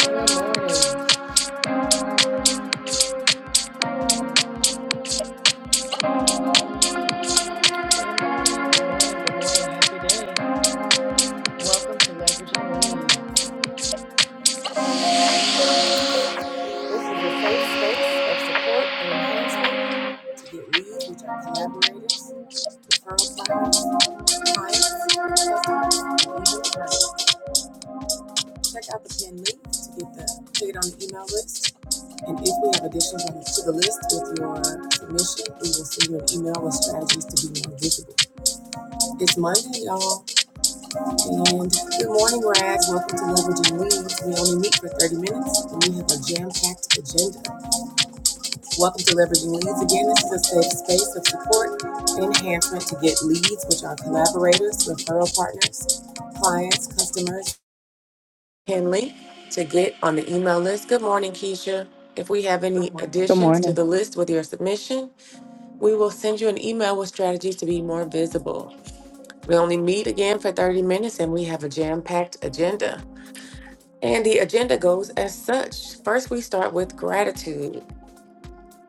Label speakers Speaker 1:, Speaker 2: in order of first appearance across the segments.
Speaker 1: Good morning. Serve the Lord and happy day. Welcome to Leveraging Leads. This is a safe space of support and enhancement to get leads, which are collaborators, referral partners, clients, customers, and even friends. Check out the pinned link to get the to get on the email list. And if we have additions on- to the list with your submission, we will send you an email with strategies to be more visible. It's Monday, y'all. And good morning, Rags. Welcome to Leveraging Leads. We only meet for 30 minutes and we have a jam packed agenda. Welcome to Leveraging Leads. Again, this is a safe space of support and enhancement to get leads, which are collaborators, referral partners, clients, customers. and Henley, to get on the email list. Good morning, Keisha. If we have any
Speaker 2: Good
Speaker 1: additions to
Speaker 2: morning.
Speaker 1: the list with your submission, we will send you an email with strategies to be more visible. We only meet again for 30 minutes and we have a jam packed agenda. And the agenda goes as such. First, we start with gratitude,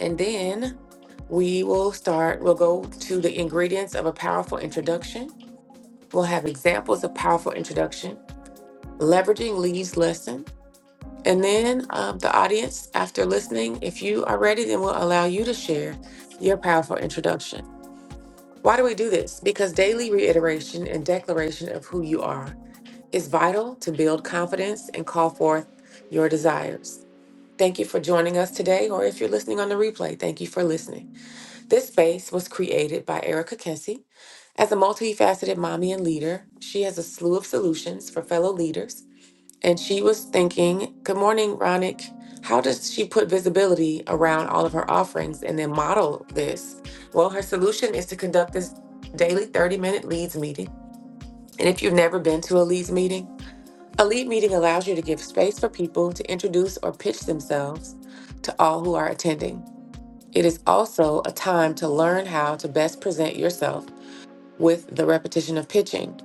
Speaker 1: and then we will start, we'll go to the ingredients of a powerful introduction. We'll have examples of powerful introduction, leveraging Lee's lesson. And then um, the audience, after listening, if you are ready, then we'll allow you to share your powerful introduction. Why do we do this? Because daily reiteration and declaration of who you are is vital to build confidence and call forth your desires. Thank you for joining us today, or if you're listening on the replay, thank you for listening. This space was created by Erica Kensey. As a multifaceted mommy and leader, she has a slew of solutions for fellow leaders. And she was thinking, Good morning, Ronick. How does she put visibility around all of her offerings and then model this? Well, her solution is to conduct this daily 30 minute leads meeting. And if you've never been to a leads meeting, a lead meeting allows you to give space for people to introduce or pitch themselves to all who are attending. It is also a time to learn how to best present yourself with the repetition of pitching.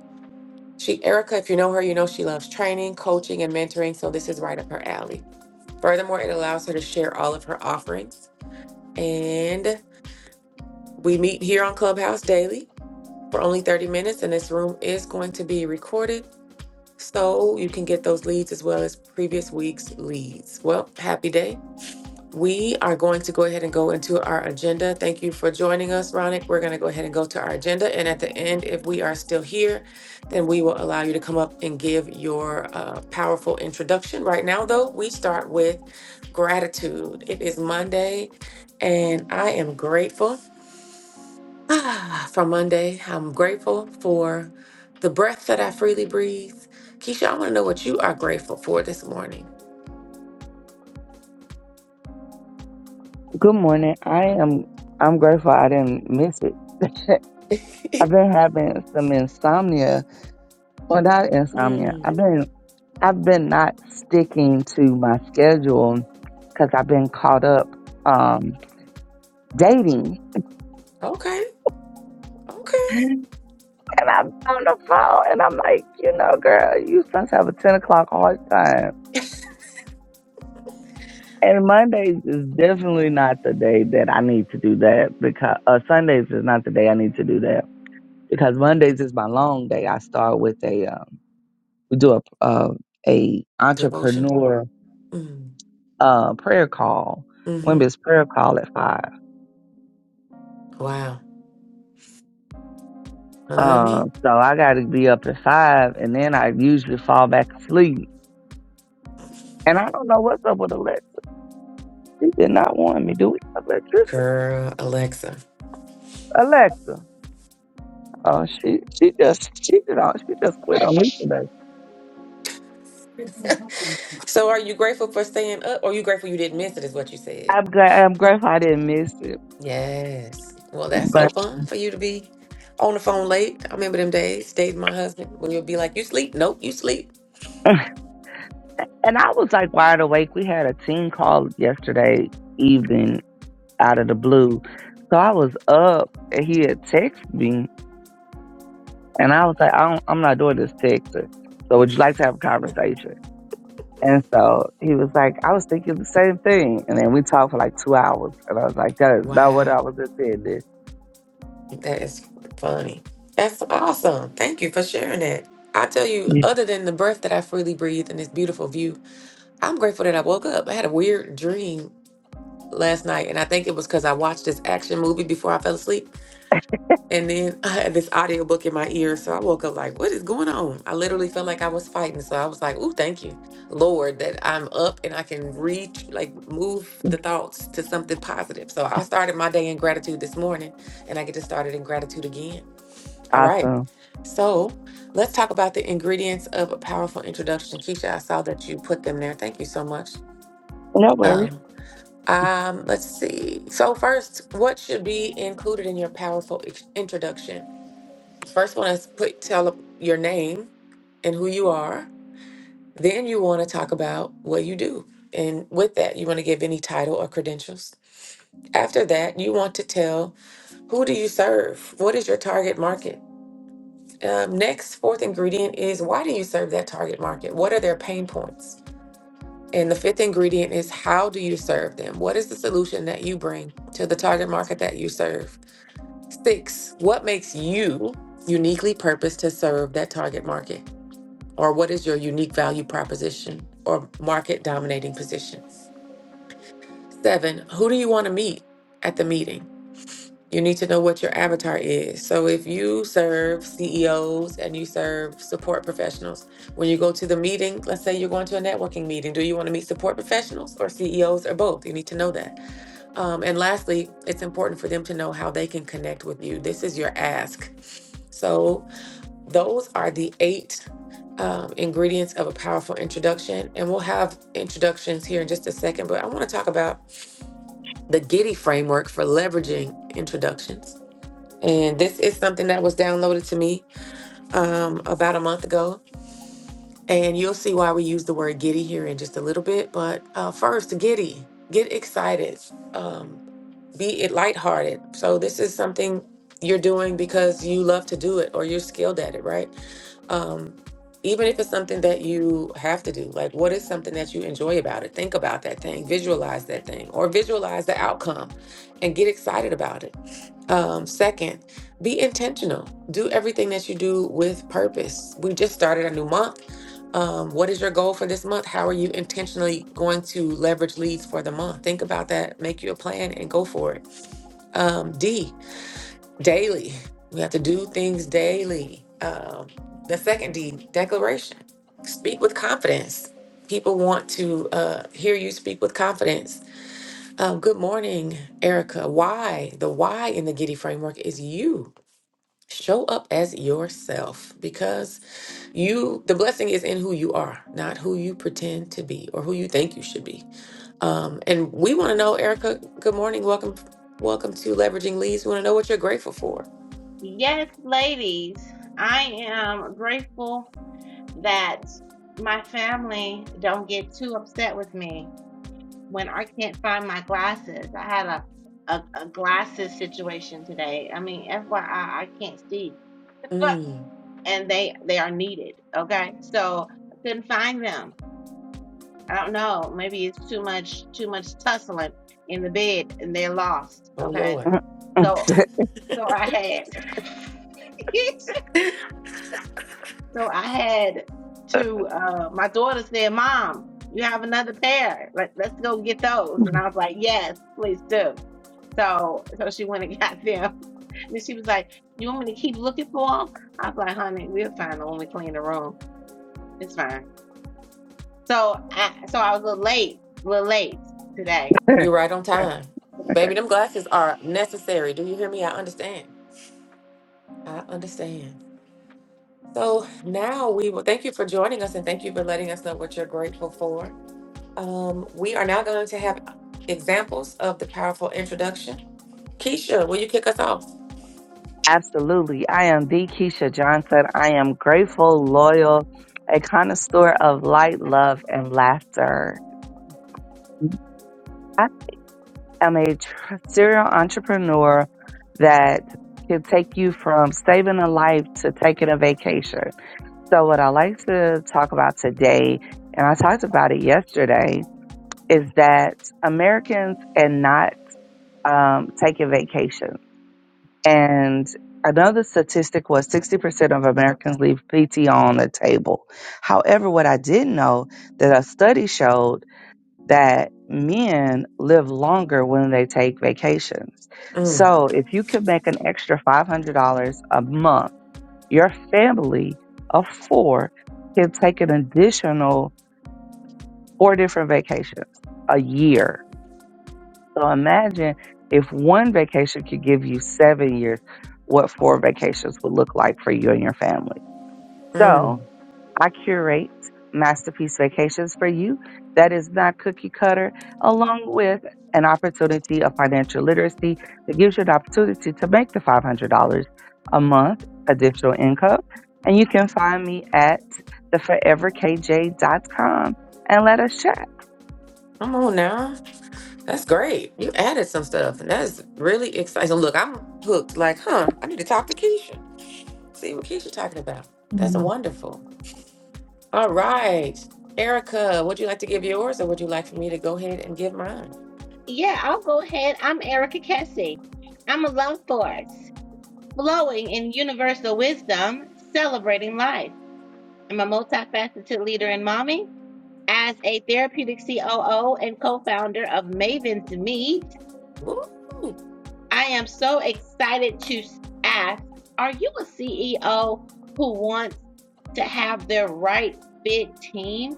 Speaker 1: She, Erica, if you know her, you know she loves training, coaching, and mentoring, so this is right up her alley. Furthermore, it allows her to share all of her offerings. And we meet here on Clubhouse daily for only 30 minutes, and this room is going to be recorded. So you can get those leads as well as previous week's leads. Well, happy day. We are going to go ahead and go into our agenda. Thank you for joining us, Ronick. We're going to go ahead and go to our agenda. And at the end, if we are still here, then we will allow you to come up and give your uh, powerful introduction. Right now, though, we start with gratitude. It is Monday, and I am grateful. Ah, For Monday. I'm grateful for the breath that I freely breathe. Keisha, I want to know what you are grateful for this morning.
Speaker 2: Good morning. I am I'm grateful I didn't miss it. I've been having some insomnia. Well not insomnia.
Speaker 1: Mm,
Speaker 2: I've been I've been not sticking to my schedule because I've been caught up um dating.
Speaker 1: okay, okay.
Speaker 2: And I'm on the phone and I'm like, you know, girl, you supposed to have a ten o'clock hard time. And Mondays is definitely not the day that I need to do that because uh, Sundays is not the day I need to do that because Mondays is my long day. I start with a um, we do a uh, a
Speaker 1: Devotion.
Speaker 2: entrepreneur
Speaker 1: Mm,
Speaker 2: uh, prayer call,
Speaker 1: mm-hmm.
Speaker 2: women's prayer call at five.
Speaker 1: Wow. Honey,
Speaker 2: Um, so I got to be up at five, and then I usually fall back asleep. And I don't know what's up with Alexa. She did not want me. Do we have electricity?
Speaker 1: girl, Alexa.
Speaker 2: Alexa? Oh, she she just she did on she just quit on me today.
Speaker 1: So, are you grateful for staying up or are you grateful you didn't miss it, is what you said?
Speaker 2: I'm glad. I'm grateful I didn't miss it,
Speaker 1: Yes. Well, that's so
Speaker 2: but.
Speaker 1: fun for you to be on the phone late. I remember them days, dating my husband, when you'll be like, You sleep? Nope, you sleep.
Speaker 2: And I was like wide awake. We had a team call yesterday evening out of the blue. So I was up and he had texted me and I was like, I don't, I'm not doing this texting. So would you like to have a conversation? And so he was like, I was thinking the same thing. And then we talked for like two hours. And I was like, that is not what
Speaker 1: Wow.
Speaker 2: I was intending.
Speaker 1: That is funny. That's awesome. Thank you for sharing that. I tell you,
Speaker 2: Yeah.
Speaker 1: other than the breath that I freely breathe and this beautiful view, I'm grateful that I woke up. I had a weird dream last night, and I think it was because I watched this action movie before I fell asleep. And then I had this audiobook in my ear. So I woke up like, what is going on? I literally felt like I was fighting. So I was like, ooh, thank you, Lord, that I'm up and I can reach, like, move the thoughts to something positive. So I started my day in gratitude this morning, and I get to start it in gratitude again. All right.
Speaker 2: Awesome.
Speaker 1: So let's talk about the ingredients of a powerful introduction. Keisha, I saw that you put them there. Thank you so much.
Speaker 2: No worries.
Speaker 1: Um, um, let's see. So first, what should be included in your powerful ex- introduction? First one is put tell your name and who you are. Then you want to talk about what you do. And with that, you want to give any title or credentials. After that, you want to tell who do you serve? What is your target market? Um, next, fourth ingredient is why do you serve that target market? What are their pain points? And the fifth ingredient is how do you serve them? What is the solution that you bring to the target market that you serve? Six, what makes you uniquely purposed to serve that target market? Or what is your unique value proposition or market dominating position? Seven, who do you want to meet at the meeting? You need to know what your avatar is. So if you serve CEOs and you serve support professionals, when you go to the meeting, let's say you're going to a networking meeting, do you want to meet support professionals or CEOs or both? You need to know that. Um, and lastly, it's important for them to know how they can connect with you. This is your ask. So those are the eight um, ingredients of a powerful introduction. And we'll have introductions here in just a second, but I want to talk about the Giddy framework for leveraging introductions. And this is something that was downloaded to me um, about a month ago. And you'll see why we use the word giddy here in just a little bit. But uh, first, giddy, get excited, um, be it lighthearted. So, this is something you're doing because you love to do it or you're skilled at it, right? um, even if it's something that you have to do, like what is something that you enjoy about it? Think about that thing, visualize that thing, or visualize the outcome and get excited about it. Um, second, be intentional. Do everything that you do with purpose. We just started a new month. Um, what is your goal for this month? How are you intentionally going to leverage leads for the month? Think about that, make you a plan, and go for it. Um, D, daily. We have to do things daily. Um, the second D, declaration. Speak with confidence. People want to uh, hear you speak with confidence. Um, good morning, Erica. Why? The why in the Giddy framework is you. Show up as yourself because you, the blessing is in who you are, not who you pretend to be or who you think you should be. Um, and we want to know, Erica, good morning. Welcome. Welcome to Leveraging Leads. We want to know what you're grateful for.
Speaker 3: Yes, ladies, I am grateful that my family don't get too upset with me when I can't find my glasses. I had a a, a glasses situation today. I mean, FYI, I I can't see,
Speaker 1: Mm.
Speaker 3: and they they are needed. Okay, so I couldn't find them. I don't know. Maybe it's too much too much tussling in the bed, and they're lost.
Speaker 1: Oh
Speaker 3: Okay,
Speaker 1: Lord,
Speaker 3: so so I had. So I had to, uh, my daughter said, Mom, you have another pair. Let, let's go get those. And I was like, Yes, please do. So, so she went and got them. And she was like, You want me to keep looking for them? I was like, Honey, we'll find them when we clean the room. It's fine. So, I, so I was a little late, a little late today.
Speaker 1: you're right on time, baby. Them glasses are necessary. Do you hear me? I understand. I understand. So now we will thank you for joining us and thank you for letting us know what you're grateful for. Um, we are now going to have examples of the powerful introduction. Keisha, will you kick us off?
Speaker 2: Absolutely. I am the Keisha Johnson. I am grateful, loyal, a connoisseur of light, love, and laughter. I am a tr- serial entrepreneur that can take you from saving a life to taking a vacation. So, what I like to talk about today, and I talked about it yesterday, is that Americans are not um, taking vacations And another statistic was 60% of Americans leave PTO on the table. However, what I did know that a study showed that men live longer when they take vacations.
Speaker 1: Mm,
Speaker 2: So if you could make an extra $500 a month, your family of four can take an additional four different vacations a year so imagine if one vacation could give you seven years, what four vacations would look like for you and your family.
Speaker 1: mm.
Speaker 2: So I curate masterpiece vacations for you that is not cookie cutter, along with an opportunity of financial literacy that gives you an opportunity to make the $500 a month additional income. And you can find me at the forever k j dot com and let us chat.
Speaker 1: Come on now. That's great. You added some stuff, and that's really exciting. Look, I'm hooked. Like, huh? I need to talk to Keisha. See what Keisha talking about. That's wonderful. All right. Erica, would you like to give yours or would you like for me to go ahead and give mine?
Speaker 3: Yeah, I'll go ahead. I'm Erica Kessie. I'm a love force, flowing in universal wisdom, celebrating life. I'm a multifaceted leader and mommy As a therapeutic COO and co founder of Maven's Meet,
Speaker 1: Woo!
Speaker 3: I am so excited to ask Are you a CEO who wants to have their right fit team?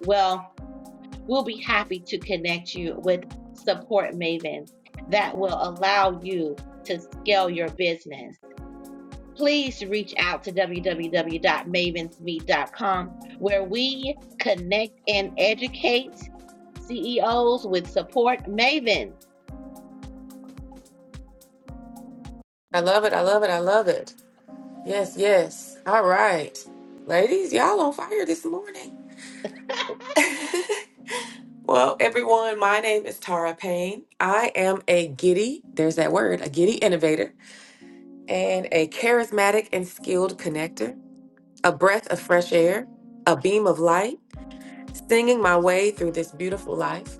Speaker 3: Well, we'll be happy to connect you with Support Maven that will allow you to scale your business. please reach out to www.mavensmeet.com where we connect and educate CEOs with support. Maven,
Speaker 1: I love it. I love it. I love it. Yes, yes. All right. Ladies, y'all on fire this morning. well, everyone, my name is Tara Payne. I am a giddy, there's that word, a giddy innovator, and a charismatic and skilled connector, a breath of fresh air, a beam of light, singing my way through this beautiful life.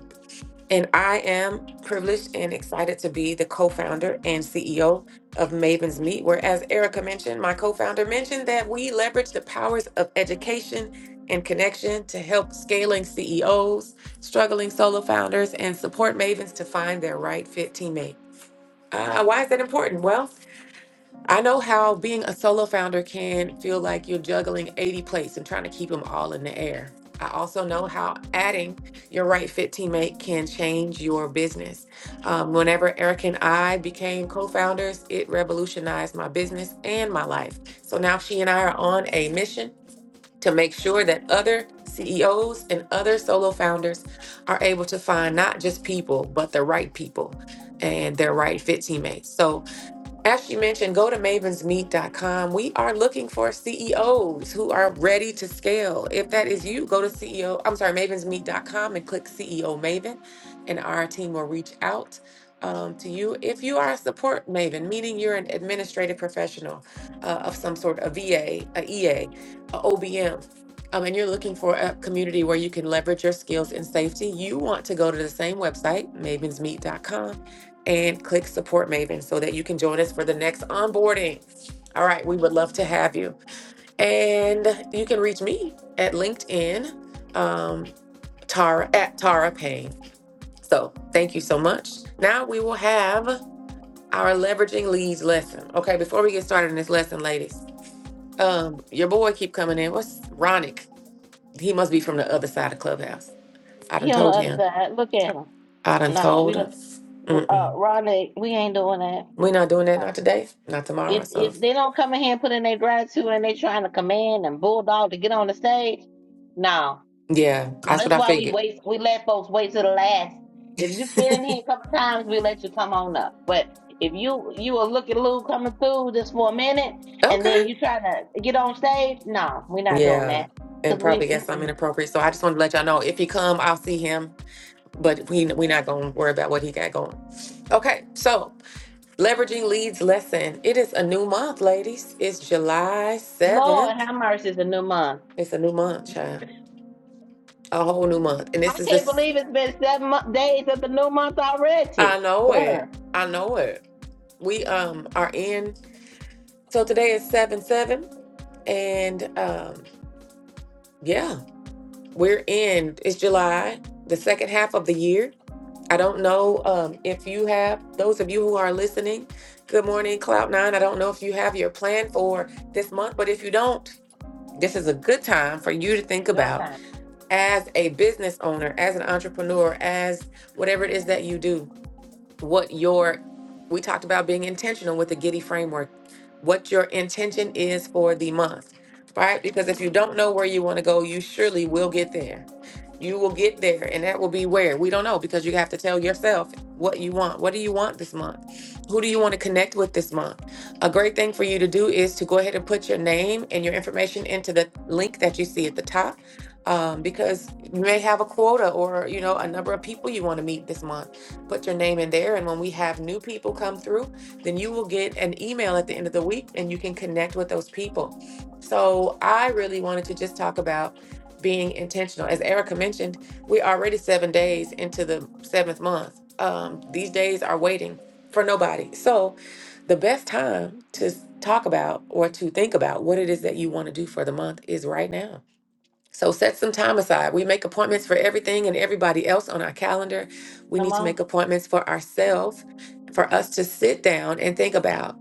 Speaker 1: And I am privileged and excited to be the co founder and CEO of Maven's Meet, where, as Erica mentioned, my co founder mentioned that we leverage the powers of education and connection to help scaling CEOs, struggling solo founders, and support Mavens to find their right fit teammate. Uh, why is that important? Well, I know how being a solo founder can feel like you're juggling 80 plates and trying to keep them all in the air. I also know how adding your right fit teammate can change your business. Um, whenever Eric and I became co founders, it revolutionized my business and my life. So now she and I are on a mission to make sure that other CEOs and other solo founders are able to find not just people, but the right people and their right fit teammates. So, as she mentioned, go to mavensmeet.com. We are looking for CEOs who are ready to scale. If that is you, go to CEO, I'm sorry, mavensmeet.com and click CEO Maven, and our team will reach out um, to you. If you are a support maven, meaning you're an administrative professional uh, of some sort, a VA, a EA, a OBM, um, and you're looking for a community where you can leverage your skills in safety, you want to go to the same website, mavensmeet.com and click support Maven so that you can join us for the next onboarding. All right, we would love to have you. And you can reach me at LinkedIn, um, Tara at Tara Payne. So thank you so much. Now we will have our leveraging leads lesson. Okay, before we get started in this lesson, ladies, um, your boy keep coming in. What's Ronick? He must be from the other side of Clubhouse. I done
Speaker 3: he on the
Speaker 1: told
Speaker 3: other
Speaker 1: him.
Speaker 3: side. Look at him.
Speaker 1: I done
Speaker 3: No,
Speaker 1: told
Speaker 3: we
Speaker 1: him.
Speaker 3: don't. Uh,
Speaker 1: Mm-mm.
Speaker 3: Rodney, we ain't doing that.
Speaker 1: we not doing that,
Speaker 3: No.
Speaker 1: not today, not tomorrow.
Speaker 3: If
Speaker 1: So
Speaker 3: if they don't come in here and put in their gratitude and they trying to command and bulldog to get on the stage, no,
Speaker 1: Yeah,
Speaker 3: No,
Speaker 1: that's what
Speaker 3: that's
Speaker 1: I
Speaker 3: why we
Speaker 1: figured.
Speaker 3: wait. We let folks wait till the last. If you've been in here a couple times, we let you come on up. But if you you will looking at Lou coming through just for a minute, and then
Speaker 1: Okay.
Speaker 3: you trying to get on stage, no, we're not doing
Speaker 1: Yeah,
Speaker 3: that. Cause
Speaker 1: and
Speaker 3: we,
Speaker 1: probably guess I'm
Speaker 3: mm-mm.
Speaker 1: inappropriate. So I just want to let y'all know if he come, I'll see him. But we we not gonna worry about what he got going. Okay, so leveraging leads lesson. It is a new month, ladies. It's July
Speaker 3: Lord,
Speaker 1: seventh.
Speaker 3: have mercy, it's a new month.
Speaker 1: It's a new month, child. A whole new month, and this
Speaker 3: I
Speaker 1: is
Speaker 3: can't
Speaker 1: this.
Speaker 3: believe it's been seven mo- days of the new month
Speaker 1: I
Speaker 3: already.
Speaker 1: know it.
Speaker 3: Burn.
Speaker 1: I know it. We um are in. So today is seven seven, and um yeah. We're in, it's July, the second half of the year. I don't know um, if you have, those of you who are listening, good morning, Cloud9. I don't know if you have your plan for this month, but if you don't, this is a good time for you to think
Speaker 3: Good
Speaker 1: about
Speaker 3: time.
Speaker 1: as a business owner, as an entrepreneur, as whatever it is that you do what your we talked about being intentional with the Giddy framework, what your intention is for the month, right? Because if you don't know where you want to go, you surely will get there. You will get there, and that will be where we don't know because you have to tell yourself what you want. What do you want this month? Who do you want to connect with this month? A great thing for you to do is to go ahead and put your name and your information into the link that you see at the top um, because you may have a quota or you know a number of people you want to meet this month put your name in there. And when we have new people come through, then you will get an email at the end of the week and you can connect with those people. So I really wanted to just talk about being intentional. As Erica mentioned, we're already seven days into the seventh month. Um, these days are waiting for nobody. So the best time to talk about or to think about what it is that you want to do for the month is right now so set some time aside. We make appointments for everything and everybody else on our calendar. We
Speaker 3: Come
Speaker 1: need to
Speaker 3: on,
Speaker 1: make appointments for ourselves, for us to sit down and think about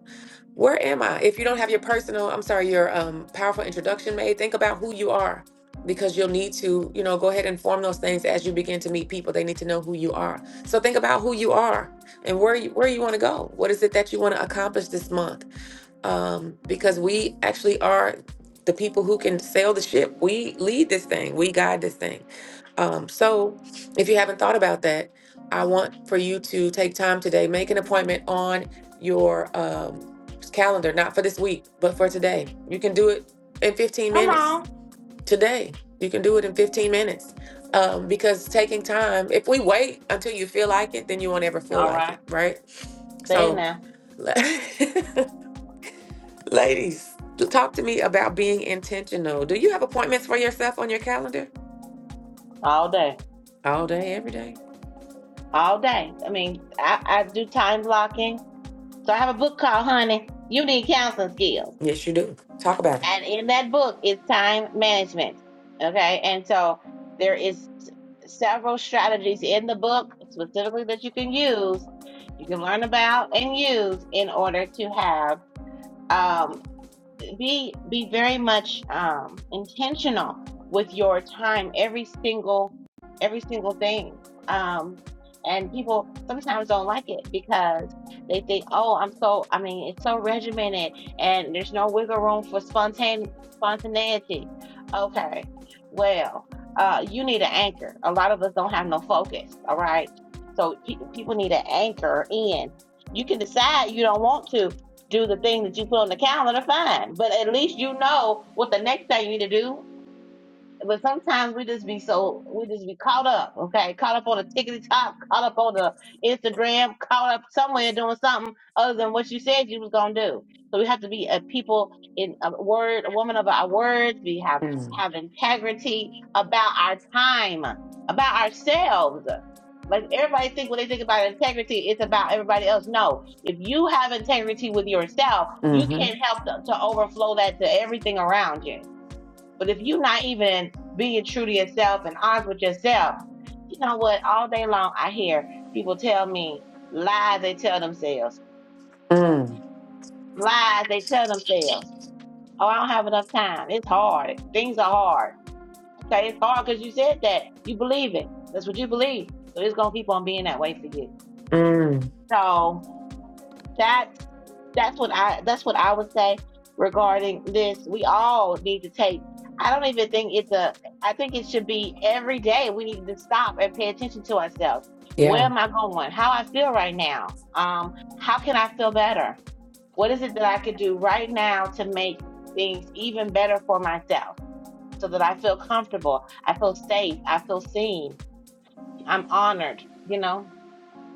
Speaker 1: where am I? If you don't have your personal, I'm sorry, your um, powerful introduction made, think about who you are because you'll need to, you know, go ahead and form those things as you begin to meet people. They need to know who you are. So think about who you are and where you, where you want to go. What is it that you want to accomplish this month? um, because we actually are the people who can sail the ship. We lead this thing, we guide this thing. Um, so, if you haven't thought about that, I want for you to take time today, make an appointment on your um, calendar, not for this week, but for today. You can do it in 15
Speaker 3: come
Speaker 1: minutes
Speaker 3: on.
Speaker 1: today. You can do it in 15 minutes um, because taking time, if we wait until you feel like it, then you won't ever feel
Speaker 3: All
Speaker 1: like
Speaker 3: right,
Speaker 1: it, right?
Speaker 3: say it
Speaker 1: So
Speaker 3: now.
Speaker 1: Ladies, to talk to me about being intentional. Do you have appointments for yourself on your calendar?
Speaker 3: All day,
Speaker 1: All day, every day?
Speaker 3: all day. I mean, I I do time blocking. So I have a book called Honey, You Need Counseling Skills.
Speaker 1: Yes, you do. Talk about it.
Speaker 3: And in that book is time management. Okay. And so there is several strategies in the book specifically that you can use, you can learn about and use in order to have um, be be very much um intentional with your time every single every single thing um and people sometimes don't like it because they think oh i'm so i mean it's so regimented and there's no wiggle room for spontane spontaneity okay well uh you need an anchor a lot of us don't have no focus all right so pe- people need an anchor in you can decide you don't want to do the thing that you put on the calendar, fine. But at least you know what the next thing you need to do but sometimes we just be so we just be caught up, okay? Caught up on a tickety top, caught up on the Instagram, caught up somewhere doing something other than what you said you was gonna do. So we have to be a people in a word, a woman of our words. We have
Speaker 1: Mm.
Speaker 3: have integrity about our time, about ourselves. Like everybody think when they think about integrity, it's about everybody else. No, if you have integrity with yourself, you
Speaker 1: Mm-hmm.
Speaker 3: can't help to, to overflow that to everything around you but if you're not even being true to yourself and honest with yourself, you know what? All day long, I hear people tell me lies they tell themselves,
Speaker 1: Mm.
Speaker 3: lies they tell themselves. Oh, I don't have enough time. It's hard. Things are hard. Okay, it's hard because you said that. You believe it. That's what you believe. So it's going to keep on being that way for you.
Speaker 1: Mm.
Speaker 3: So that's. that's what I that's what I would say regarding this. We all need to take. I don't even think it's a. I think it should be every day. We need to stop and pay attention to ourselves. Where
Speaker 1: Yeah.
Speaker 3: am I going? How I feel right now? Um, how can I feel better? What is it that I could do right now to make things even better for myself, so that I feel comfortable, I feel safe, I feel seen, I'm honored. You know.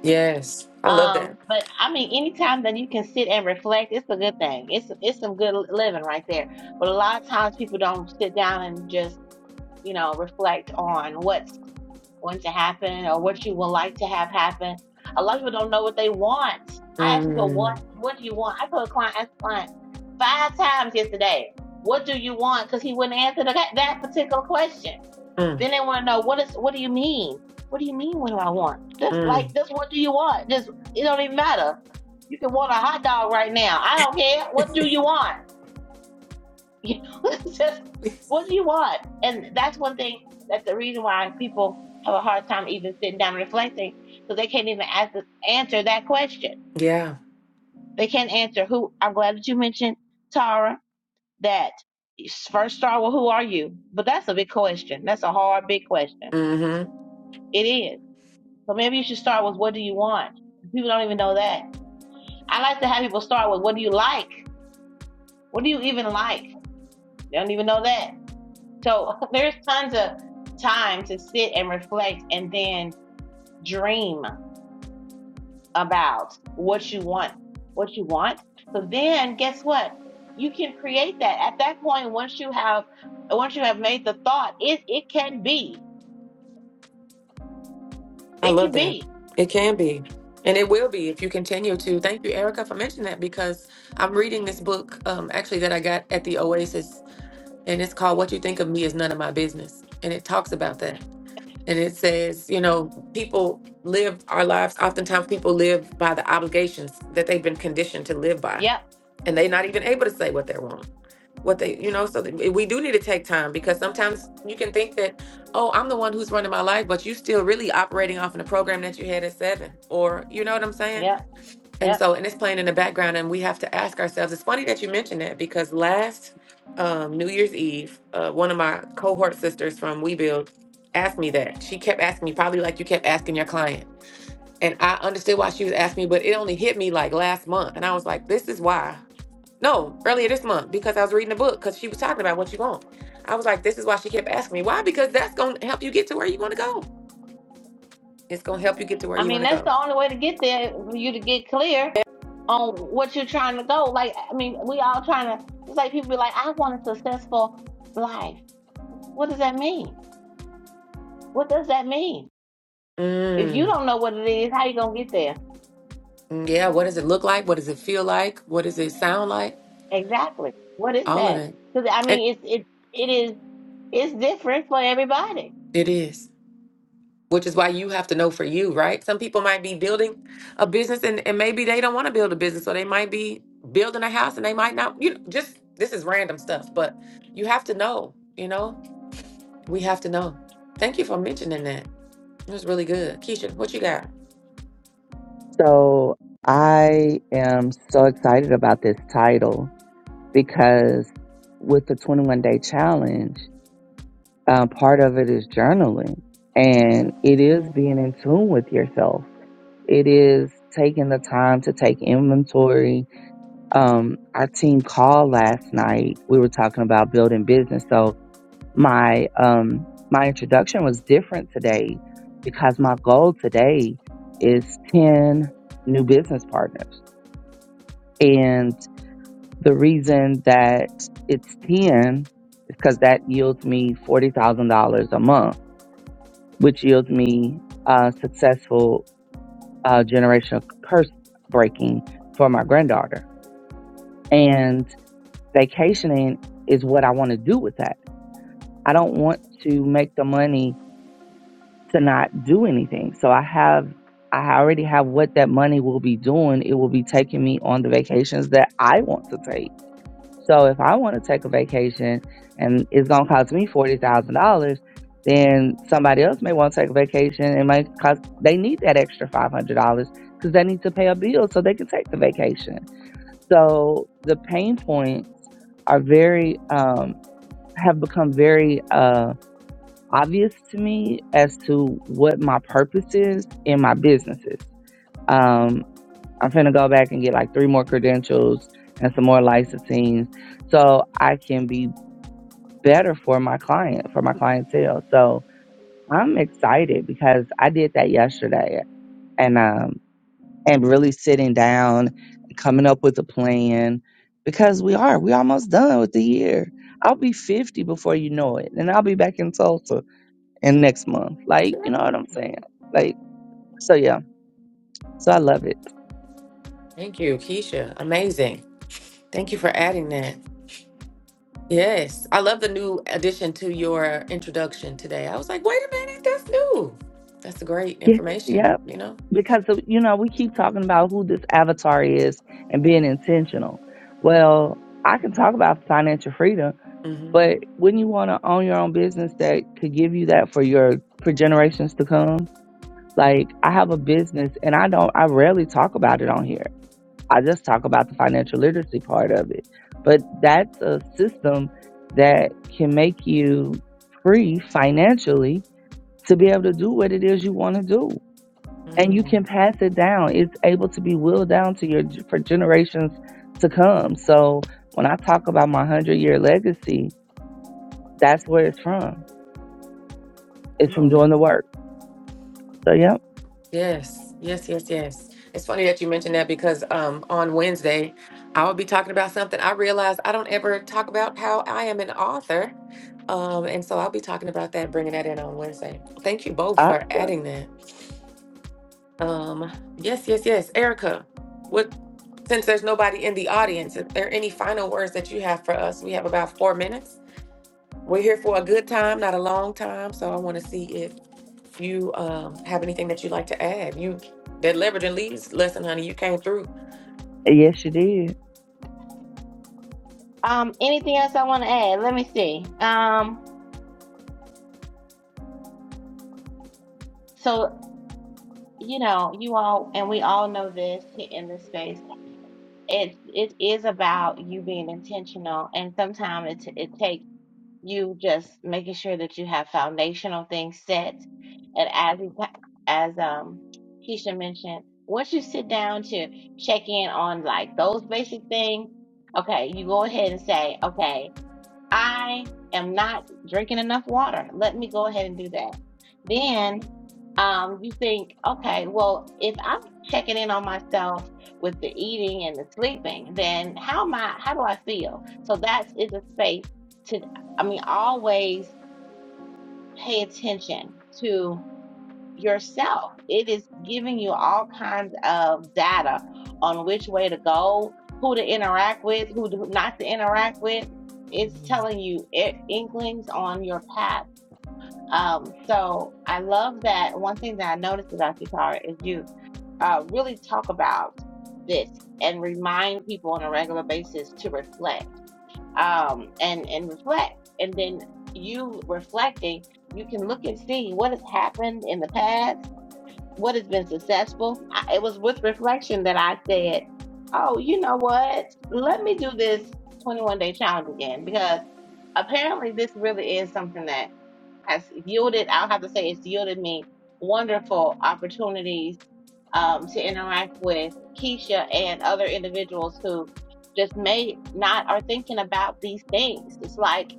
Speaker 1: Yes. I love that.
Speaker 3: Um, but I mean, anytime that you can sit and reflect, it's a good thing. It's it's some good li- living right there. But a lot of times people don't sit down and just, you know, reflect on what's going to happen or what you would like to have happen. A lot of people don't know what they want. I ask people,
Speaker 1: Mm.
Speaker 3: what what do you want? I told a client, asked a client five times yesterday, what do you want? Because he wouldn't answer the, that particular question.
Speaker 1: Mm.
Speaker 3: Then they want to know what is what do you mean? What do you mean? What do I want? Just like
Speaker 1: Mm.
Speaker 3: just what do you want? Just it don't even matter. You can want a hot dog right now. I don't care. What do you want? You know, it's just what do you want? And that's one thing that's the reason why people have a hard time even sitting down and reflecting because they can't even ask, answer that question.
Speaker 1: Yeah.
Speaker 3: They can't answer who. I'm glad that you mentioned Tara that first start with who are you, but that's a big question. That's a hard big question.
Speaker 1: Mm-hmm.
Speaker 3: It is So maybe you should start with what do you want? People don't even know that. I like to have people start with what do you like? What do you even like? They don't even know that. So there's tons of time to sit and reflect and then dream about what you want. What you want. So then guess what? You can create that. At that point, once you have once you have made the thought, it it can be.
Speaker 1: I
Speaker 3: It
Speaker 1: love
Speaker 3: can
Speaker 1: that.
Speaker 3: be.
Speaker 1: It can be. And it will be if you continue to. Thank you, Erica, for mentioning that because I'm reading this book um, actually that I got at the Oasis, and it's called What You Think of Me Is None of My Business. And it talks about that. And it says, you know, people live our lives, oftentimes people live by the obligations that they've been conditioned to live by.
Speaker 3: Yep.
Speaker 1: And they're not even able to say what they want, what they, you know, so that- we do need to take time because sometimes you can think that, oh, I'm the one who's running my life, but you still really operating off in a program that you had at seven. Or, you know what I'm saying?
Speaker 3: Yep.
Speaker 1: And
Speaker 3: Yep.
Speaker 1: so, and it's playing in the background, and we have to ask ourselves. It's funny that you mentioned that because last um, New Year's Eve, uh, one of my cohort sisters from We Build asked me that. She kept asking me, probably like you kept asking your client. And I understood why she was asking me, but it only hit me like last month. And I was like, this is why. No, earlier this month, because I was reading a book, because she was talking about what you want. I was like, this is why she kept asking me. Why? Because that's going to help you get to where you want to go. It's going to help you get to where
Speaker 3: I
Speaker 1: you
Speaker 3: mean,
Speaker 1: want to
Speaker 3: that's the
Speaker 1: go.
Speaker 3: only way to get there for you to get clear on what you're trying to go. Like, I mean, we all trying to. It's like people be like, "I want a successful life." What does that mean? What does that mean? If you
Speaker 1: Mm.
Speaker 3: don't know what it is, how you gonna get there?
Speaker 1: Mm, Yeah, what does it look like? What does it feel like? What does it sound like?
Speaker 3: Exactly. What is
Speaker 1: All of
Speaker 3: that?
Speaker 1: that.
Speaker 3: Because I
Speaker 1: It,
Speaker 3: mean, it's it it is it's different for everybody.
Speaker 1: it is, which is why you have to know for you, right? Some people might be building a business and, and maybe they don't want to build a business, or they might be building a house and they might not, you know, just this is random stuff, but you have to know, you know, we have to know. Thank you for mentioning that. It was really good. Keisha, what you got?
Speaker 2: So I am so excited about this title because with the 21 day challenge, um, part of it is journaling and it is
Speaker 3: Mhm.
Speaker 2: being in tune with yourself. It is taking the time to take inventory. Um, our team call last night, we were talking about building business. So my, um, my introduction was different today because my goal today is 10 new business partners. And the reason that it's 10 is because that yields me $40,000 a month, which yields me uh, successful uh, generational curse breaking for my granddaughter. And vacationing is what I want to do with that. I don't want to make the money to not do anything. So I have. I already have what that money will be doing. It will be taking me on the vacations that I want to take So if I want to take a vacation and it's going to cost me $40,000, then somebody else may want to take a vacation and it might cost, they need that extra $500 because they need to pay a bill so they can take the vacation. So the pain points are very, um, have become very, uh, obvious to me as to what my purpose is in my businesses. Um, I'm going to go back and get like three more credentials and some more licensing so I can be better for my client, for my clientele. So I'm excited because I did that yesterday and um and really sitting down coming up with a plan because we are we almost done with the year. I'll be 50 before you know it and I'll be back in Tulsa in next month. Like, you know what I'm saying? Like so yeah. So I love it.
Speaker 1: Thank you, Keisha. Amazing. Thank you for adding that. Yes, I love the new addition to your introduction today. I was like, wait a minute, that's new. That's great
Speaker 2: Yeah.
Speaker 1: information,
Speaker 2: Yeah,
Speaker 1: you know?
Speaker 2: because of- you know, we keep talking about who this avatar is and being intentional. Well, I can talk about financial freedom
Speaker 1: hmm
Speaker 2: But wouldn't you want to own your own business that could give you that for your for generations to come? Like I have a business and I don't I rarely talk about it on here. I just talk about the financial literacy part of it. But that's a system that can make you free financially to be able to do what it is you want to do. And you can
Speaker 1: Come
Speaker 2: pass it down. It's able to be willed down to your for generations to come. So when I talk about my 100 year legacy, that's where it's from is from
Speaker 1: on now.
Speaker 2: doing the work. So yeah,
Speaker 1: Yes, yes, yes, yes. It's funny that you mentioned that because um, on Wednesday, I will be talking about something. I realized I don't ever talk about how I am an author. Um, and so I'll be talking about that, bringing that in on Wednesday. Thank you both
Speaker 2: I
Speaker 1: for adding that. Um, yes, yes, yes. Erica, what since there's nobody in the audience, if there are any final words that you have for us, we have about four minutes. We're here for a good time, not a long time. So I want to see if you um have anything that you'd like to add. You that leverage and leads lesson, honey, you came through.
Speaker 2: yes, you did.
Speaker 3: Um, anything else I want to add? Let me see. Um, so you know, you all and we all know this in this space it it is about you being intentional and sometimes it t- it takes you just making sure that you have foundational things set and as you- as um Keisha mentioned once you sit down to check in on like those basic things okay you go ahead and say okay I am not drinking enough water. Let me go ahead and do that. Then um, you think, okay, well, if I'm checking in on myself with the eating and the sleeping, then how am I, how do I feel? So that is a space to, I mean, always pay attention to yourself. It is giving you all kinds of data on which way to go, who to interact with, who to- not to interact with. It's telling you i- inklings on your path. Um, so I love that. One thing that I noticed about you, Tara, is you uh, really talk about this and remind people on a regular basis to reflect um, and and reflect, and then you reflecting, you can look and see what has happened in the past what has been successful. I, it was with reflection that I said, "Oh, you know what? Let me do this 21 day challenge again because apparently this really is something that has yielded. I'll have to say it's yielded me wonderful opportunities um, to interact with Keisha and other individuals who just may not are thinking about these things. It's like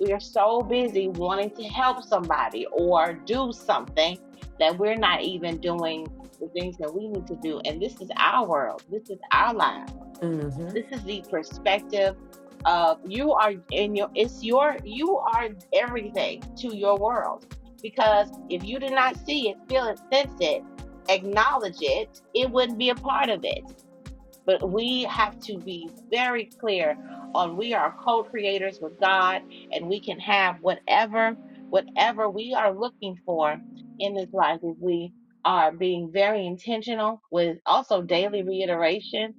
Speaker 3: we are so busy wanting to help somebody or do something that we're not even doing the things that we need to do. And this is our world. This is our lives
Speaker 1: Mm-hmm.
Speaker 3: this is the perspective of you are in your, it's your, you are everything to your world. Because if you did not see it, feel it, sense it, acknowledge it, it wouldn't be a part of it but we have to be very clear on we are co-creators with God and we can have whatever whatever we are looking for in this life if we are being very intentional with also daily reiteration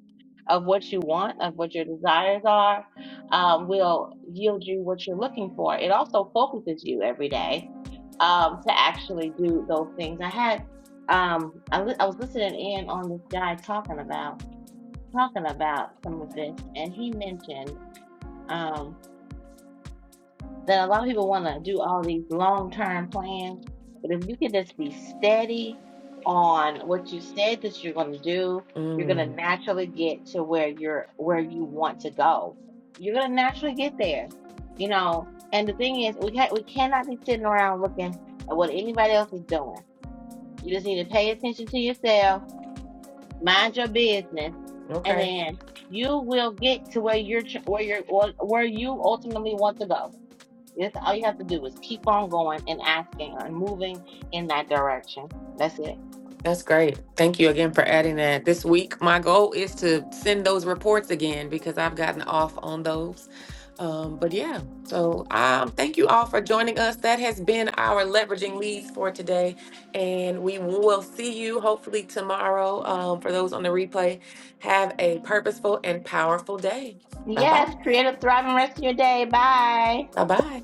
Speaker 3: of what you want, of what your desires are, um, will yield you what you're looking for. It also focuses you every day um, to actually do those things. I had um, I, li- I was listening in on this guy talking about talking about some of this, and he mentioned um, that a lot of people want to do all these long term plans, but if you can just be steady on what you said that you're going to do, you're going to
Speaker 1: Mm.
Speaker 3: naturally get to where you're where you want to go. You're going to naturally get there, you know. And the thing is, we can not we cannot be sitting around looking at what anybody else is doing. You just need to pay attention to yourself mind your business, and
Speaker 1: Okay.
Speaker 3: then you will get to where you're tr- where you're or where you ultimately want to go. That's all you have to do is keep on going and asking and moving in that direction. That's it.
Speaker 1: That's great. Thank you again for adding that. This week, my goal is to send those reports again because I've gotten off on those. Um, but yeah, so um, thank you all for joining us. That has been our leveraging leads for today. And we will see you hopefully tomorrow. Um, for those on the replay, have a purposeful and powerful day. Bye bye.
Speaker 3: Yes, create a thriving rest of your day. Bye.
Speaker 1: Bye bye.